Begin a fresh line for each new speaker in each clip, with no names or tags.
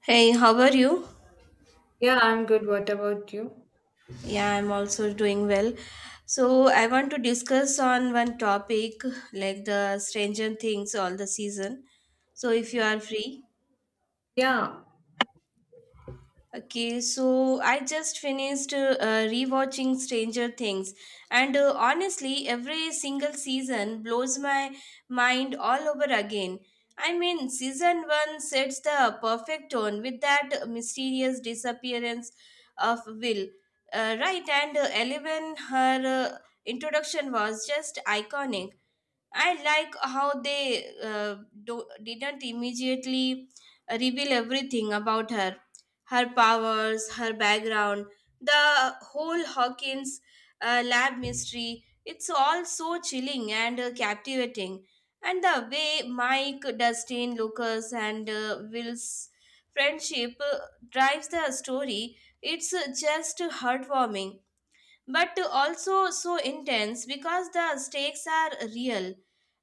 Hey, how are you?
Yeah, I'm good. What about you?
Yeah, I'm also doing well. So I want to discuss on one topic like the Stranger Things all the season. So if you
Mhm.
are free.
Yeah,
Okay, so I just finished rewatching Stranger Things, and honestly, every single season blows my mind all over again. I mean, season one sets the perfect tone with that mysterious disappearance of Will, right? And Eleven, her introduction was just iconic. I like how they didn't immediately reveal everything about her powers, her background, the whole Hawkins lab mystery. It's all so chilling and captivating. And the way Mike, Dustin, Lucas, and Will's friendship drives the story, it's just heartwarming but also so intense because the stakes are real.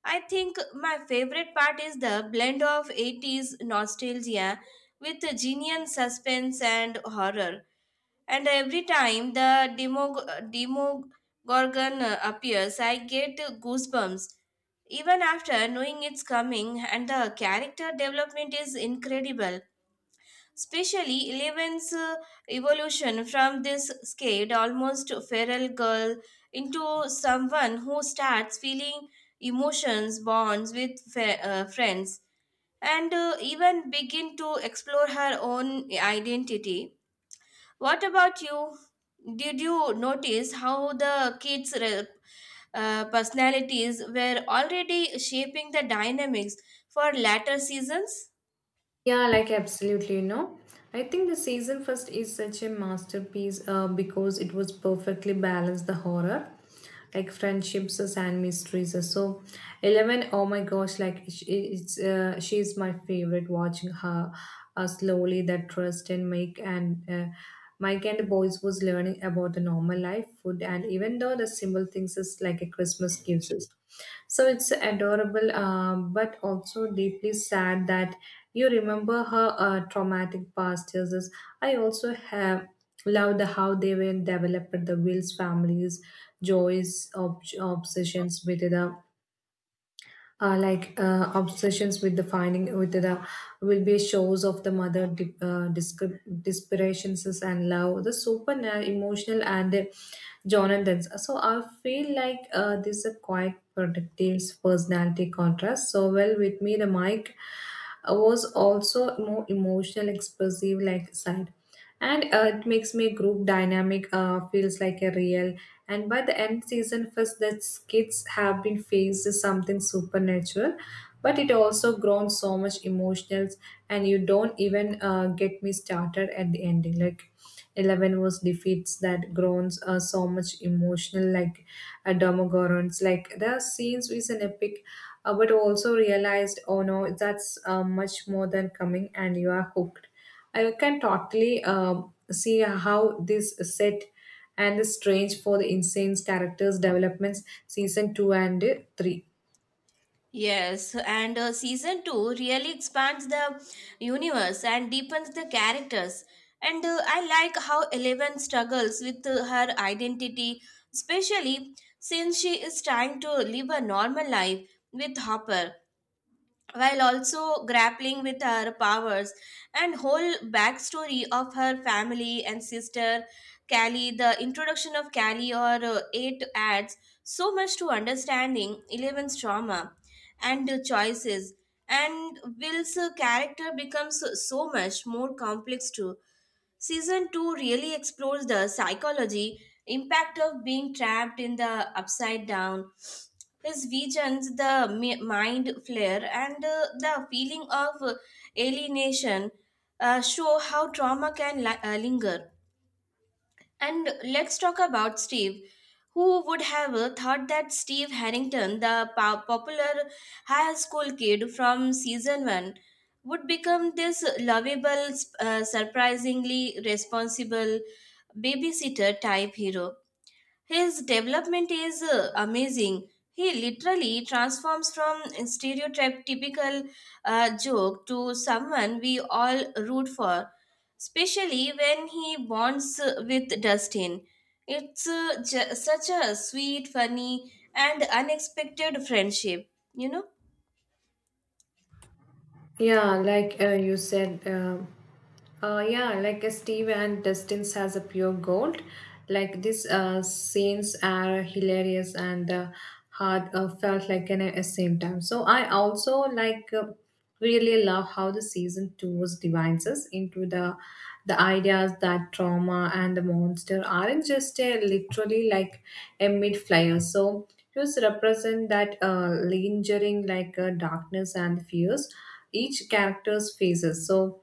I think my favorite part is the blend of 80s nostalgia with genuine suspense and horror. And every time the demogorgon appears, I get goosebumps even after knowing it's coming. And the character development is incredible. Especially Eleven's evolution from this scared, almost feral girl into someone who starts feeling emotions, bonds with friends, and even begin to explore her own identity. What about you? Did you notice how the kids' personalities were already shaping the dynamics for latter seasons?
yeah, like absolutely, you know. I think the season first is such a masterpiece because it was perfectly balanced the horror, like friendships and mysteries. So, Eleven, oh my gosh, like sh- it's she's my favorite. Watching her slowly that trust and make and Mike and the boys was learning about the normal life, food, and even though the simple things is like a Christmas gives us. So it's adorable, but also deeply sad that you remember her traumatic past years. I also have loved the how they were developed the Will's families, joys, obsessions with the obsessions with the finding with the will be shows of the mother desperations and love the emotional and the jonathan's. So I feel like this is a quite productive personality contrast so well with me the mike was also more emotional expressive like side, and it makes me group dynamic feels like a real. And by the end season first that kids have been faced with something supernatural, but it also grown so much emotionals. And you don't even get me started at the ending. Like 11 was defeats that groans so much emotional like demogorgons. Like the scenes is an epic, but also realized, oh no, that's much more than coming, and you are hooked. I can totally see how this set and the strange for the insane characters developments season 2 and 3.
Yes, and season 2 really expands the universe and deepens the characters. And I like how Eleven struggles with her identity, especially since she is trying to live a normal life with Hopper while also grappling with her powers and whole backstory of her family and sister Callie. The introduction of Callie or eight adds so much to understanding Eleven's trauma and choices, and Will's character becomes so much more complex too. Season 2 really explores the psychology impact of being trapped in the upside down, his visions, the mind flare, and the feeling of alienation show how trauma can linger. And let's talk about Steve. Who would have thought that Steve Harrington, the popular high school kid from season 1, would become this lovable, surprisingly responsible babysitter type hero? His development is amazing. He literally transforms from stereotype typical joke to someone we all root for, especially when he bonds with Dustin. It's such a sweet, funny, and unexpected friendship, you know?
Yeah, like you said, yeah, like Steve and Dustin's has a pure gold. Like these scenes are hilarious and hard felt like an at the same time. So I also really love how the season 2 was divides into the ideas that trauma and the monster aren't just literally like a mid flyer. So just represent that lingering darkness and fears each character's phases. So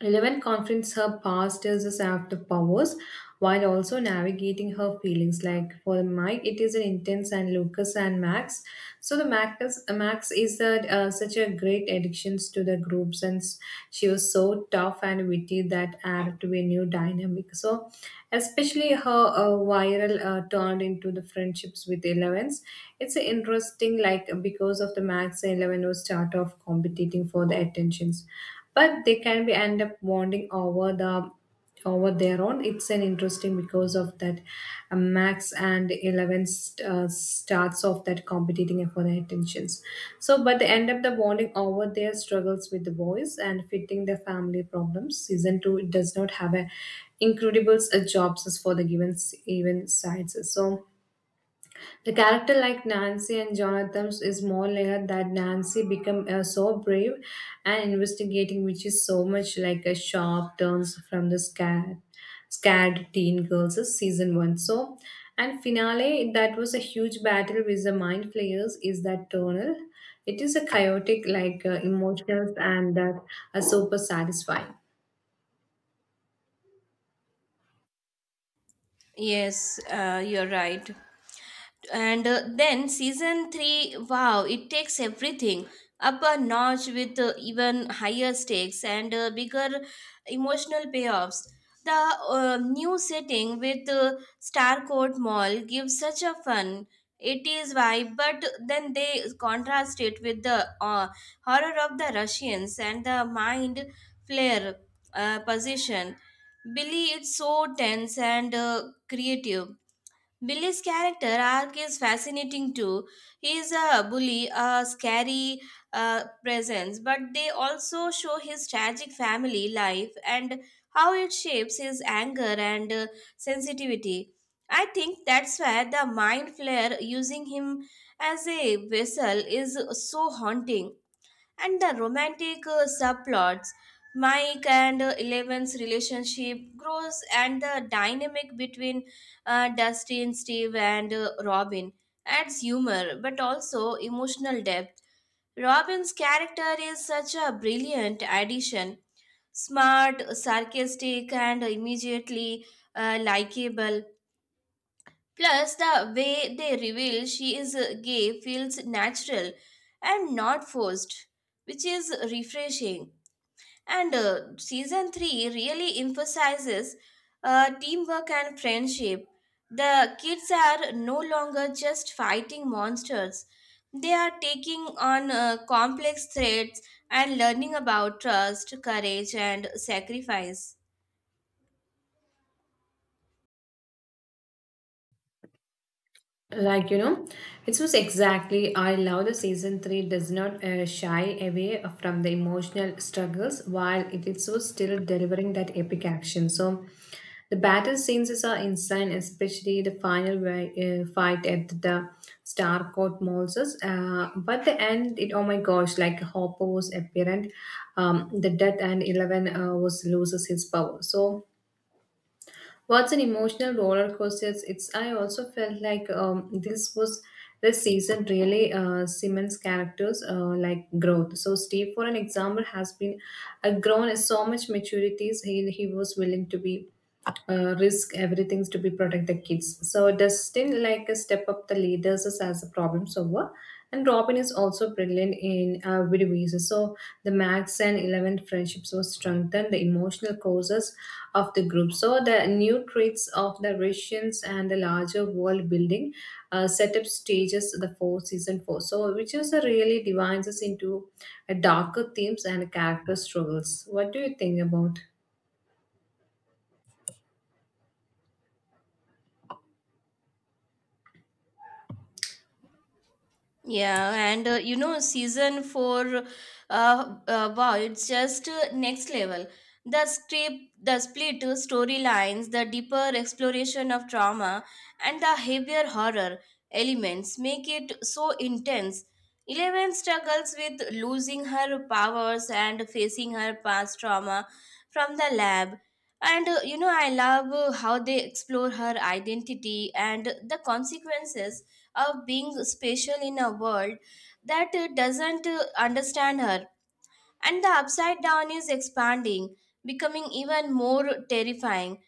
Eleven confronts her past as a shaft of powers while also navigating her feelings. Like for Mike, it is an intense, and Lucas and Max. So Max is a, such a great addiction to the group, since she was so tough and witty that added to a new dynamic. So especially her viral turned into the friendships with Elevens. It's interesting, like because of the Max, Eleven was start off competing for the attention, but they can be end up bonding over the over their own. It's an interesting because of that max and 11 starts of that competing for their attentions. So but they end up the bonding over their struggles with the boys and fitting their family problems. Season 2 it does not have a incredible jobs for the given even sides. So the character like Nancy and Jonathan's is more layered, that Nancy become so brave and investigating, which is so much like a sharp turns from the scared teen girls of season one. So, and finale that was a huge battle with the mind players is that tonal. It is a chaotic, like emotions, and that are super satisfying.
Yes, you're right. And then season 3, wow, it takes everything up a notch with even higher stakes and bigger emotional payoffs. The new setting with Starcourt Mall gives such a fun 80s vibe, but then they contrast it with the horror of the Russians and the mind flare position Billy. It's so tense and creative. Billy's character arc is fascinating too. He is a bully, a scary presence, but they also show his tragic family life and how it shapes his anger and sensitivity. I think that's where the mind flare using him as a vessel is so haunting. And the romantic subplots, Mike and Eleven's relationship grows, and the dynamic between Dustin, Steve, and Robin adds humor but also emotional depth. Robin's character is such a brilliant addition, smart, sarcastic, and immediately likable. Plus, the way they reveal she is gay feels natural and not forced, which is refreshing. And season three really emphasizes teamwork and friendship. The kids are no longer just fighting monsters, they are taking on complex threats and learning about trust, courage, and sacrifice.
Like, you know, it was exactly. I love the season 3 does not shy away from the emotional struggles while it is so still delivering that epic action. So, the battle scenes are insane, especially the final fight at the Starcourt Moses. But the end, it, oh my gosh, like Hopper was apparent, the death, and Eleven was loses his power. So what's an emotional roller coaster? I also felt like this season really Simmons characters like growth. So Steve, for an example, has been a grown so much maturities. He was willing to be risk everything to be protect the kids. So Dustin like a step up the leaders as a problem solver, and Robin is also brilliant in video ways. So the Max and Eleven friendships were strengthened the emotional causes of the group. So the new traits of the Russians and the larger world building set up stages the four season 4. So which is a really divides us into a darker themes and character struggles. What do you think about?
Yeah, and you know, season four, wow, it's just next level. The script, the split storylines, the deeper exploration of trauma, and the heavier horror elements make it so intense. Eleven struggles with losing her powers and facing her past trauma from the lab. And you know, I love how they explore her identity and the consequences of being special in a world that doesn't understand her. And the upside down is expanding, becoming even more terrifying.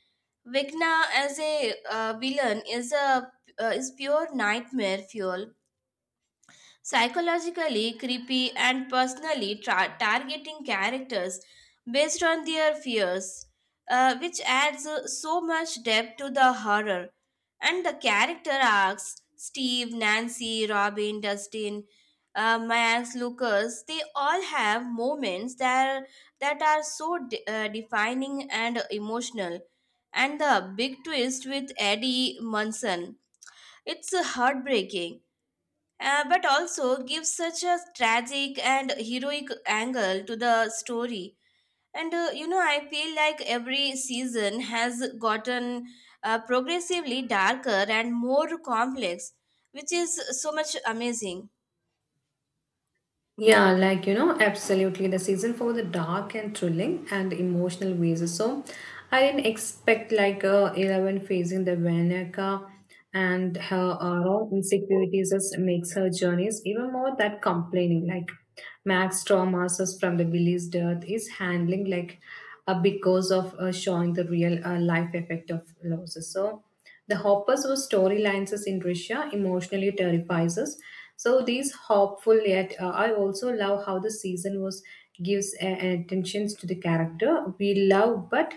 Vecna as a villain is pure nightmare fuel, psychologically creepy and personally targeting characters based on their fears, which adds so much depth to the horror and the character arcs. Steve, Nancy, Robin, Dustin, Max, Lucas, they all have moments that are so defining and emotional. And the big twist with Eddie Munson, it's heartbreaking, but also gives such a tragic and heroic angle to the story. And you know, I feel like every season has gotten progressively darker and more complex, which is so much amazing.
Yeah, like you know, absolutely. The season for the dark and thrilling and emotional ways. So, I didn't expect like Eleven facing the Veneca and her own insecurities just makes her journeys even more that complaining. Like Max traumas from the Billy's death is handling like because of showing the real life effect of losses. So. The Hoppers were storylines us in Russia emotionally terrifies us. So these hopeful yet I also love how the season was gives attentions to the character we love, but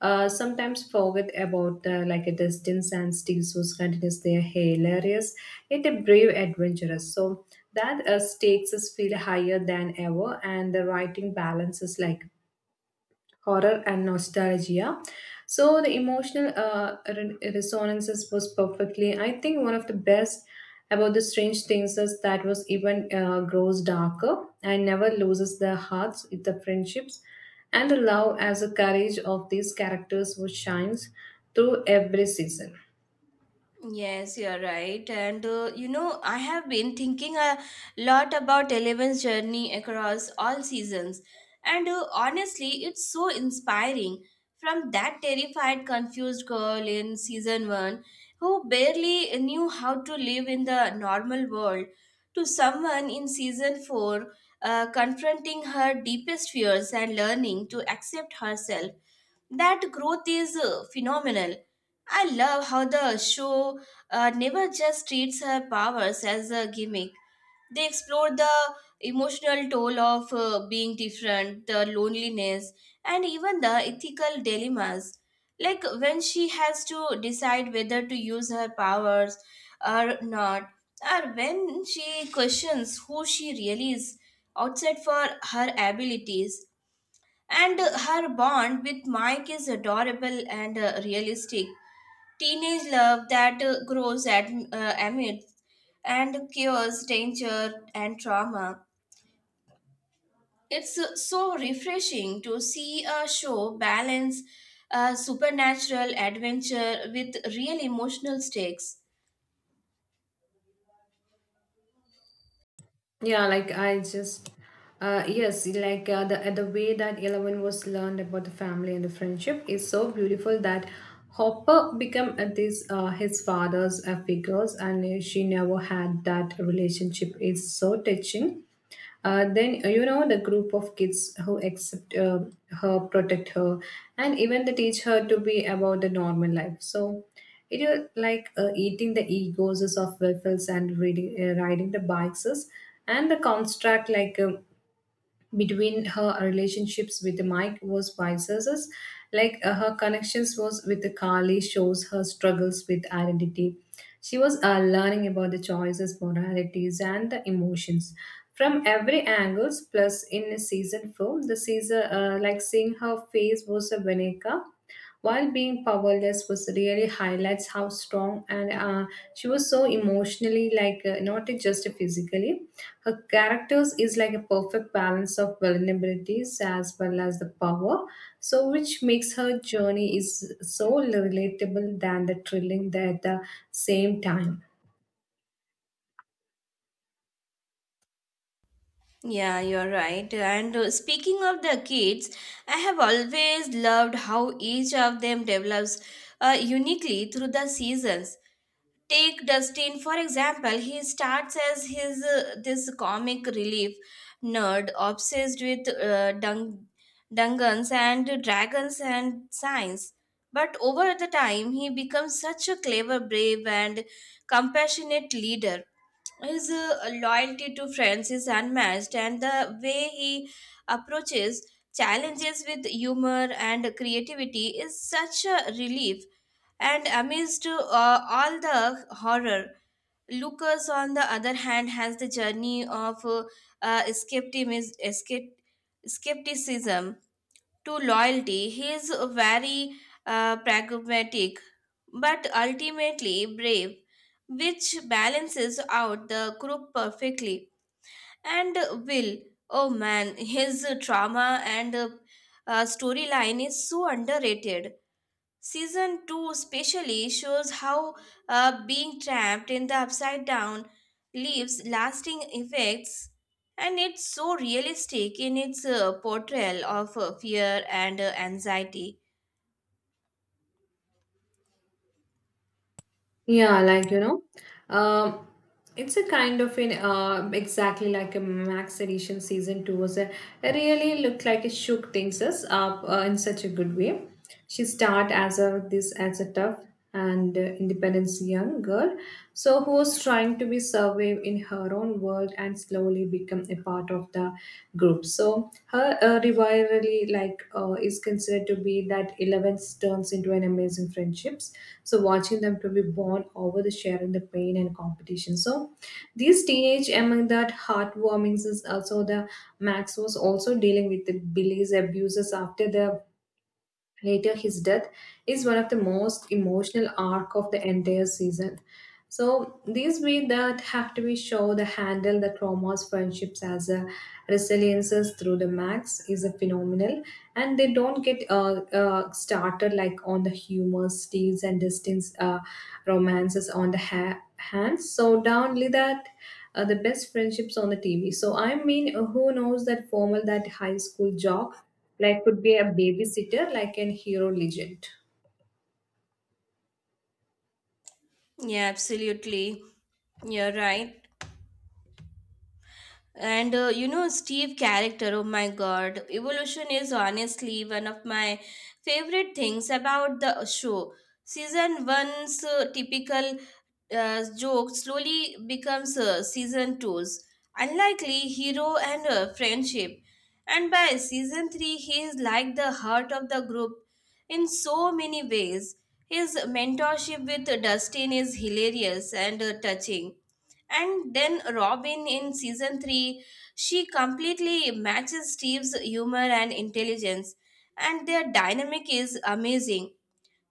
sometimes forget about like a distance and steals was continuous. They are hilarious yet a brave adventurous, so that stakes us feel higher than ever, and the writing balance is like horror and nostalgia. So the emotional resonances was perfectly. I think one of the best about the strange things is that was even grows darker and never loses their hearts, with the friendships, and the love as the courage of these characters, which shines through every season.
Yes, you're right. And you know, I have been thinking a lot about Eleven's journey across all seasons. And honestly, it's so inspiring. From that terrified, confused girl in season one who barely knew how to live in the normal world to someone in season four confronting her deepest fears and learning to accept herself. That growth is phenomenal. I love how the show never just treats her powers as a gimmick. They explore the emotional toll of being different, the loneliness, and even the ethical dilemmas. Like when she has to decide whether to use her powers or not, or when she questions who she really is outside for her abilities. And her bond with Mike is adorable and realistic. Teenage love that grows at, amidst and cures danger and trauma. It's so refreshing to see a show balance supernatural adventure with real emotional stakes.
Yeah, like I just, yes, like the way that Eleven was learned about the family and the friendship is so beautiful, that Hopper became this his father's figures, and she never had that relationship. It's so touching, then you know, the group of kids who accept her, protect her, and even they teach her to be about the normal life. So it is like eating the egos of waffles and riding the bikes, and the construct like. Between her relationships with Mike was vice versa. Like her connections was with Kali shows her struggles with identity. She was learning about the choices, moralities, and the emotions from every angles. Plus, in season 4, the season like seeing her face was a Veneca while being powerless was really highlights how strong and she was so emotionally like not just physically. Her characters is like a perfect balance of vulnerabilities as well as the power, so which makes her journey is so relatable than the thrilling at the same time.
Yeah, you're right. And speaking of the kids, I have always loved how each of them develops uniquely through the seasons. Take Dustin for example. He starts as his this comic relief nerd obsessed with dungeons and dragons and science. But over the time, he becomes such a clever, brave, and compassionate leader. His loyalty to friends is unmatched, and the way he approaches challenges with humor and creativity is such a relief and amidst all the horror. Lucas, on the other hand, has the journey of uh, skeptimis- escep- skepticism to loyalty. He is very pragmatic, but ultimately brave, which balances out the group perfectly. And Will, oh man, his trauma and storyline is so underrated. Season 2 especially shows how being trapped in the upside down leaves lasting effects, and it's so realistic in its portrayal of fear and anxiety.
Yeah, like you know, um, it's a kind of an exactly like a Max Edition season 2 was a, it really looked like it shook things us up in such a good way. She start as a this as a tough and independent young girl, so who was trying to be survived in her own world and slowly become a part of the group. So her rivalry, is considered to be that 11th turns into an amazing friendships. So watching them to be born over the sharing the pain and competition. So these teenage among that heartwarmings is also the Max was also dealing with the Billy's abuses after the later his death is one of the most emotional arc of the entire season. So these we that have to be show the handle the traumas, friendships as a resiliences through the max is a phenomenal, and they don't get started like on the humor, steals and distance romances on the hands. So downly that the best friendships on the TV. So I mean, who knows that formal that high school jock like could be a babysitter like an hero legend.
Yeah, absolutely. You're right. And you know, Steve character, oh my god, evolution is honestly one of my favorite things about the show. Season 1's typical joke slowly becomes season two's unlikely hero and friendship. And by season 3, he is like the heart of the group in so many ways. His mentorship with Dustin is hilarious and touching. And then Robin in season 3, she completely matches Steve's humor and intelligence, and their dynamic is amazing.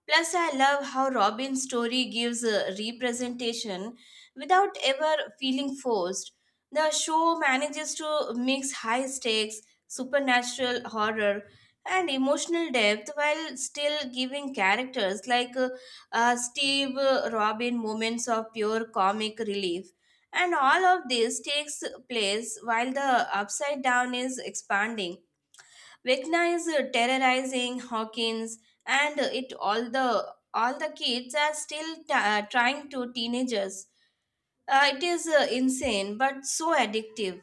Plus, I love how Robin's story gives a representation without ever feeling forced. The show manages to mix high stakes, supernatural horror, and emotional depth while still giving characters like Steve, Robin moments of pure comic relief. And all of this takes place while the upside down is expanding, Vecna is terrorizing Hawkins, and it all the kids are still trying to teenagers. It is insane but so addictive.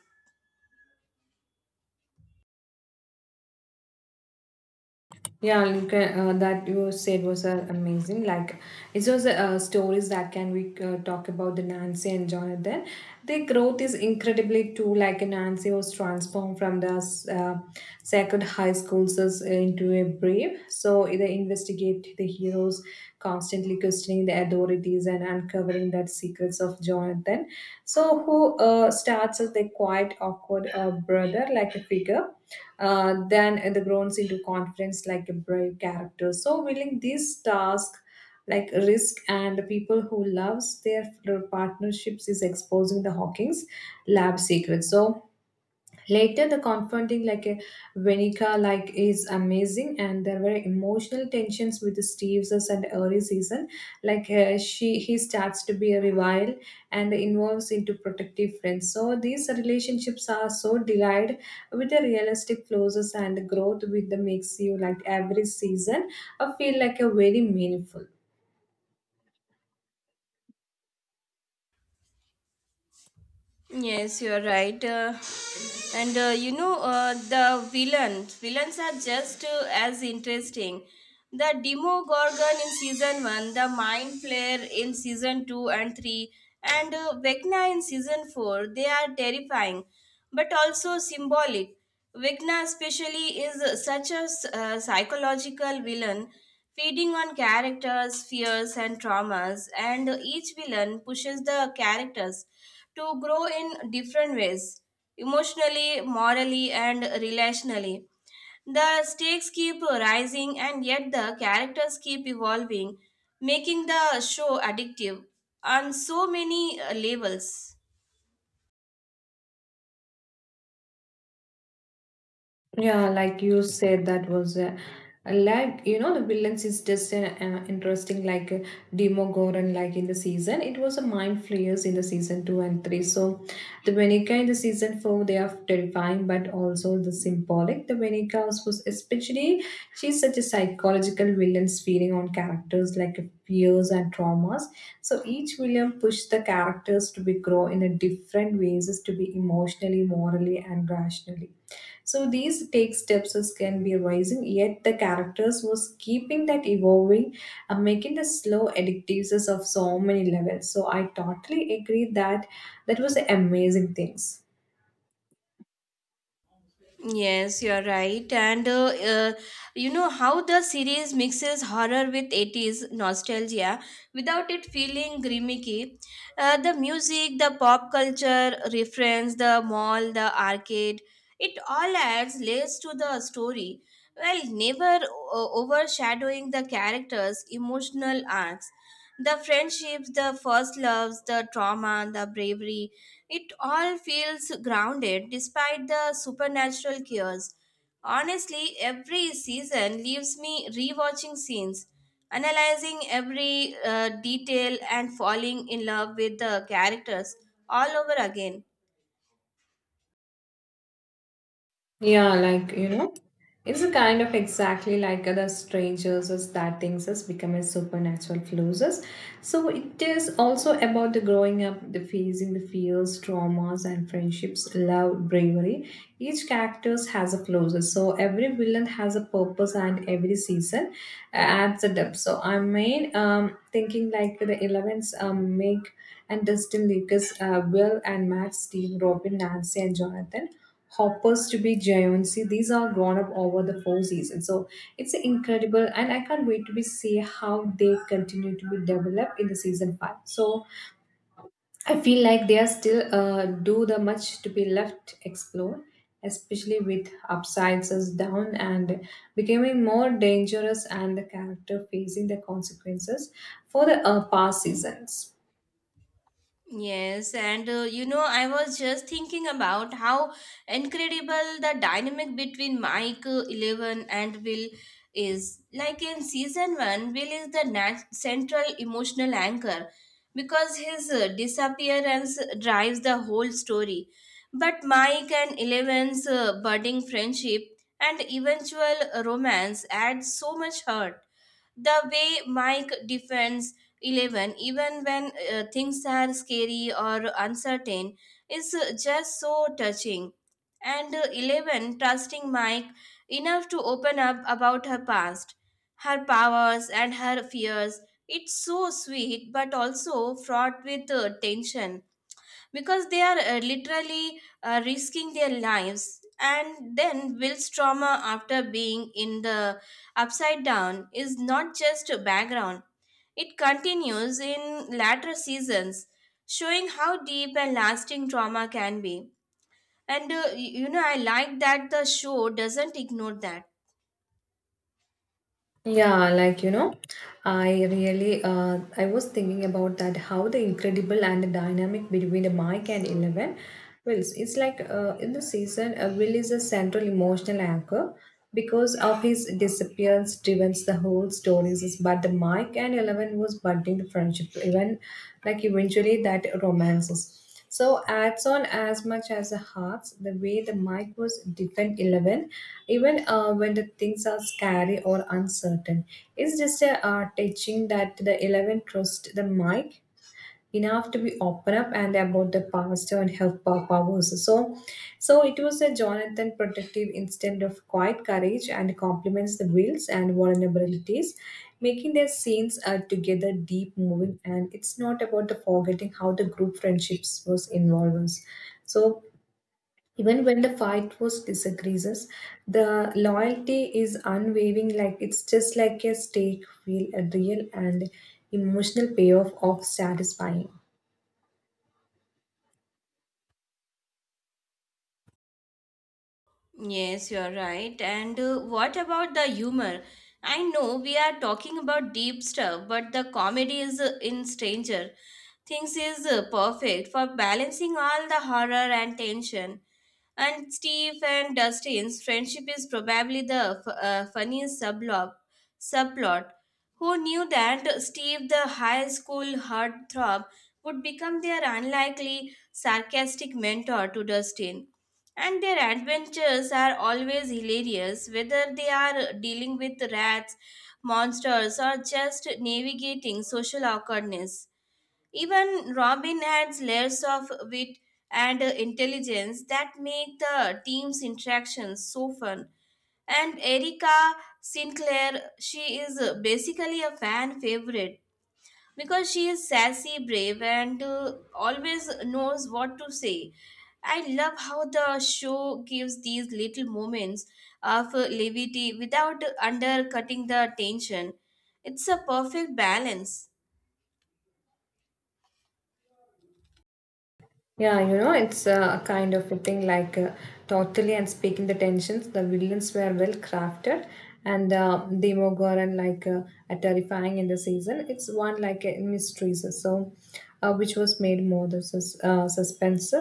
Yeah, you can, that you said was amazing. Like, it's just stories that can we talk about the Nancy and Jonathan. Their growth is incredibly too. Like Nancy was transformed from the uh, sacred high school into a brave. So they investigate the heroes, constantly questioning the authorities and uncovering that secrets of Jonathan. So who starts as the quiet, awkward brother, like a figure, then the groans into confidence like a brave character. So willing this task, like risk and the people who loves their partnerships is exposing the Hawking's lab secrets. So later, the confronting like a Venica like is amazing, and there were emotional tensions with Steve's and early season. Like he starts to be a rival and involves into protective friends. So these relationships are so delight with the realistic flaws and growth with the makes you like every season. I feel like a very meaningful.
Yes, you are right. And You know, the villains are just as interesting. The Demogorgon in season 1, the Mind Flayer in season 2 and 3, and Vecna in season 4, they are terrifying but also symbolic. Vecna, especially, is such a psychological villain, feeding on characters' fears and traumas, and each villain pushes the characters to grow in different ways, emotionally, morally, and relationally. The stakes keep rising, and yet the characters keep evolving, making the show addictive on so many levels.
Yeah, like you said, that was like you know, the villains is just interesting. Demogorgon, like in the season, it was a mind flayers in the season two and three. So the Venica in the season four, they are terrifying, but also the symbolic. The Venica was especially she's such a psychological villain, feeding on characters like fears and traumas. So each villain pushed the characters to be grow in a different ways, is to be emotionally, morally, and rationally. So these take steps as can be rising, yet the characters was keeping that evolving and making the slow addictiveness of so many levels. So I totally agree that that was amazing things.
Yes, you're right. And uh, you know how the series mixes horror with 80s nostalgia without it feeling gimmicky. The music, the pop culture reference, the mall, the arcade, it all adds layers to the story while never overshadowing the characters' emotional arcs. The friendships, the first loves, the trauma, the bravery, it all feels grounded despite the supernatural chaos. Honestly, every season leaves me rewatching scenes, analyzing every detail, and falling in love with the characters all over again.
Yeah, it's a kind of exactly like other strangers as that things has become a supernatural closes. So it is also about the growing up, the facing the fears, traumas, and friendships, love, bravery. Each character has a closes. So every villain has a purpose, and every season adds a depth. So I mean, thinking like the elements, Meg and Dustin Lucas, Will and Matt, Steve, Robin, Nancy, and Jonathan hoppers to be Jayonsi. These are grown up over the four seasons. So it's incredible and I can't wait to be see how they continue to be developed in the season five. So I feel like they are still do the much to be left explored, especially with upsides as down and becoming more dangerous and the character facing the consequences for the past seasons.
Yes, and you know, I was just thinking about how incredible the dynamic between Mike, 11, and Will is. Like in season 1, Will is the central emotional anchor because his disappearance drives the whole story. But Mike and Eleven's budding friendship and eventual romance adds so much hurt. The way Mike defends Eleven, even when things are scary or uncertain, is just so touching. And Eleven trusting Mike enough to open up about her past, her powers, and her fears. It's so sweet, but also fraught with tension because they are literally risking their lives. And then Will's trauma after being in the upside down is not just a background, it continues in later seasons, showing how deep and lasting trauma can be. And you know, I like that the show doesn't ignore that.
Yeah, I was thinking about that how the incredible and the dynamic between the Mike and Eleven. Well, it's like in the season, Will is a central emotional anchor because of his disappearance, drives the whole stories. But the Mike and Eleven was budding the friendship, even like eventually that romances. So adds on as much as the hearts, the way the mic was defend Eleven, even when the things are scary or uncertain. It's just a teaching that the Eleven trust the mic enough to be open up and about the past and her powers. So it was a Jonathan protective instinct of quiet courage and complements the wills and vulnerabilities, making their scenes together deep moving. And it's not about the forgetting how the group friendships was involved. So even when the fight was disagrees, the loyalty is unwavering. Like it's just like a stake feel a real and emotional payoff of satisfying.
Yes, you're right. And what about the humor? I know we are talking about deep stuff, but the comedy is in Stranger. Things is perfect for balancing all the horror and tension. And Steve and Dustin's friendship is probably the funniest subplot. Who knew that Steve, the high school heartthrob, would become their unlikely sarcastic mentor to Dustin? And their adventures are always hilarious, whether they are dealing with rats, monsters, or just navigating social awkwardness. Even Robin adds layers of wit and intelligence that make the team's interactions so fun. And Erica Sinclair, she is basically a fan favorite because she is sassy, brave, and always knows what to say. I love how the show gives these little moments of levity without undercutting the tension. It's a perfect balance.
Yeah, it's a kind of a thing like totally and speaking the tensions. The villains were well crafted, and Demogorgon like a terrifying in the season. It's one like a mystery, so, which was made more the suspense.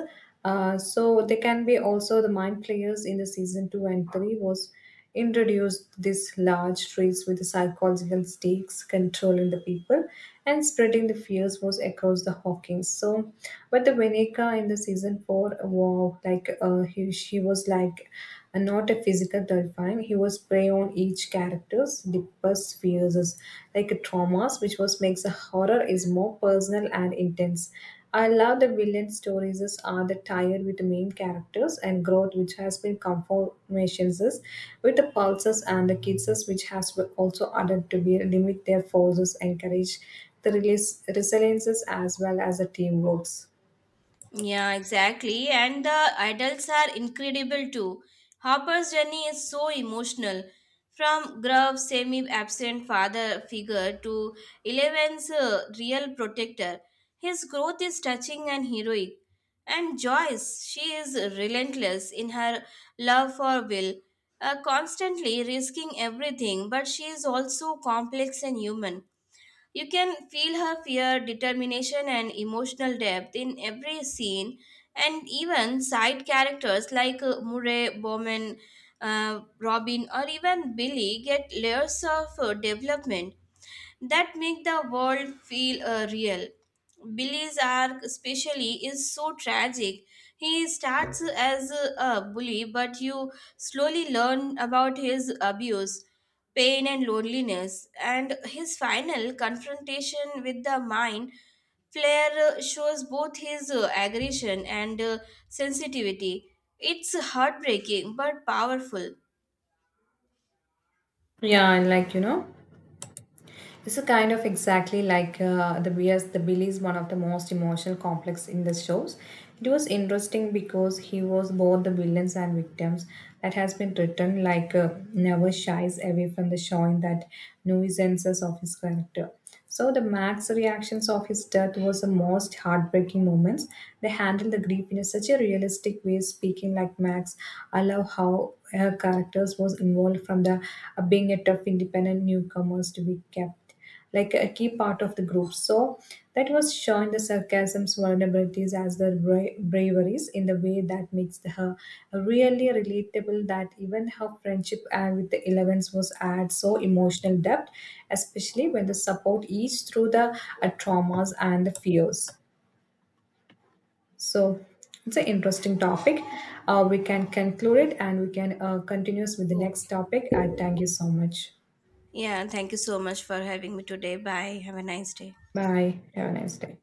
So they can be also the mind players in the season two and three was introduced these large trees with psychological stakes controlling the people and spreading the fears was across the Hawkins. So, but the Veneca in the season four, wow, like she was like not a physical terrifying. He was prey on each character's deepest fears, like traumas, which was makes the horror is more personal and intense. I love the villain stories is are the tied with the main characters and growth which has been conformations is with the pulses and the kids is which has been also added to be limit their forces encourage the release resiliences as well as the teamworks.
Yeah, exactly. And the adults are incredible too. Harper's journey is so emotional. From gruff, semi absent father figure to Eleven's real protector, his growth is touching and heroic. And Joyce, she is relentless in her love for Will, constantly risking everything, but she is also complex and human. You can feel her fear, determination, and emotional depth in every scene, and even side characters like Murray, Bowman, Robin, or even Billy get layers of development that make the world feel real. Billy's arc, especially, is so tragic. He starts as a bully, but you slowly learn about his abuse, pain, and loneliness. And his final confrontation with the mind Flair shows both his aggression and sensitivity. It's heartbreaking but powerful.
Yeah, and This is kind of exactly like the Bias. The Billy is one of the most emotional complex in the shows. It was interesting because he was both the villains and victims. That has been written like never shies away from the showing that nuisances of his character. So the Max reactions of his death was the most heartbreaking moments. They handled the grief in a such a realistic way, speaking like Max. I love of how her characters was involved from the being a tough independent newcomers to be kept like a key part of the group, so that was showing the sarcasms vulnerabilities as the braveries in the way that makes her really relatable that even her friendship with the Elevens was add so emotional depth, especially when the support each through the traumas and the fears. So it's an interesting topic. We can conclude it and we can continue with the
Yeah.
next topic. I thank you so much.
Yeah, thank you so much for having me today. Bye. Have a nice day.
Bye. Have a nice day.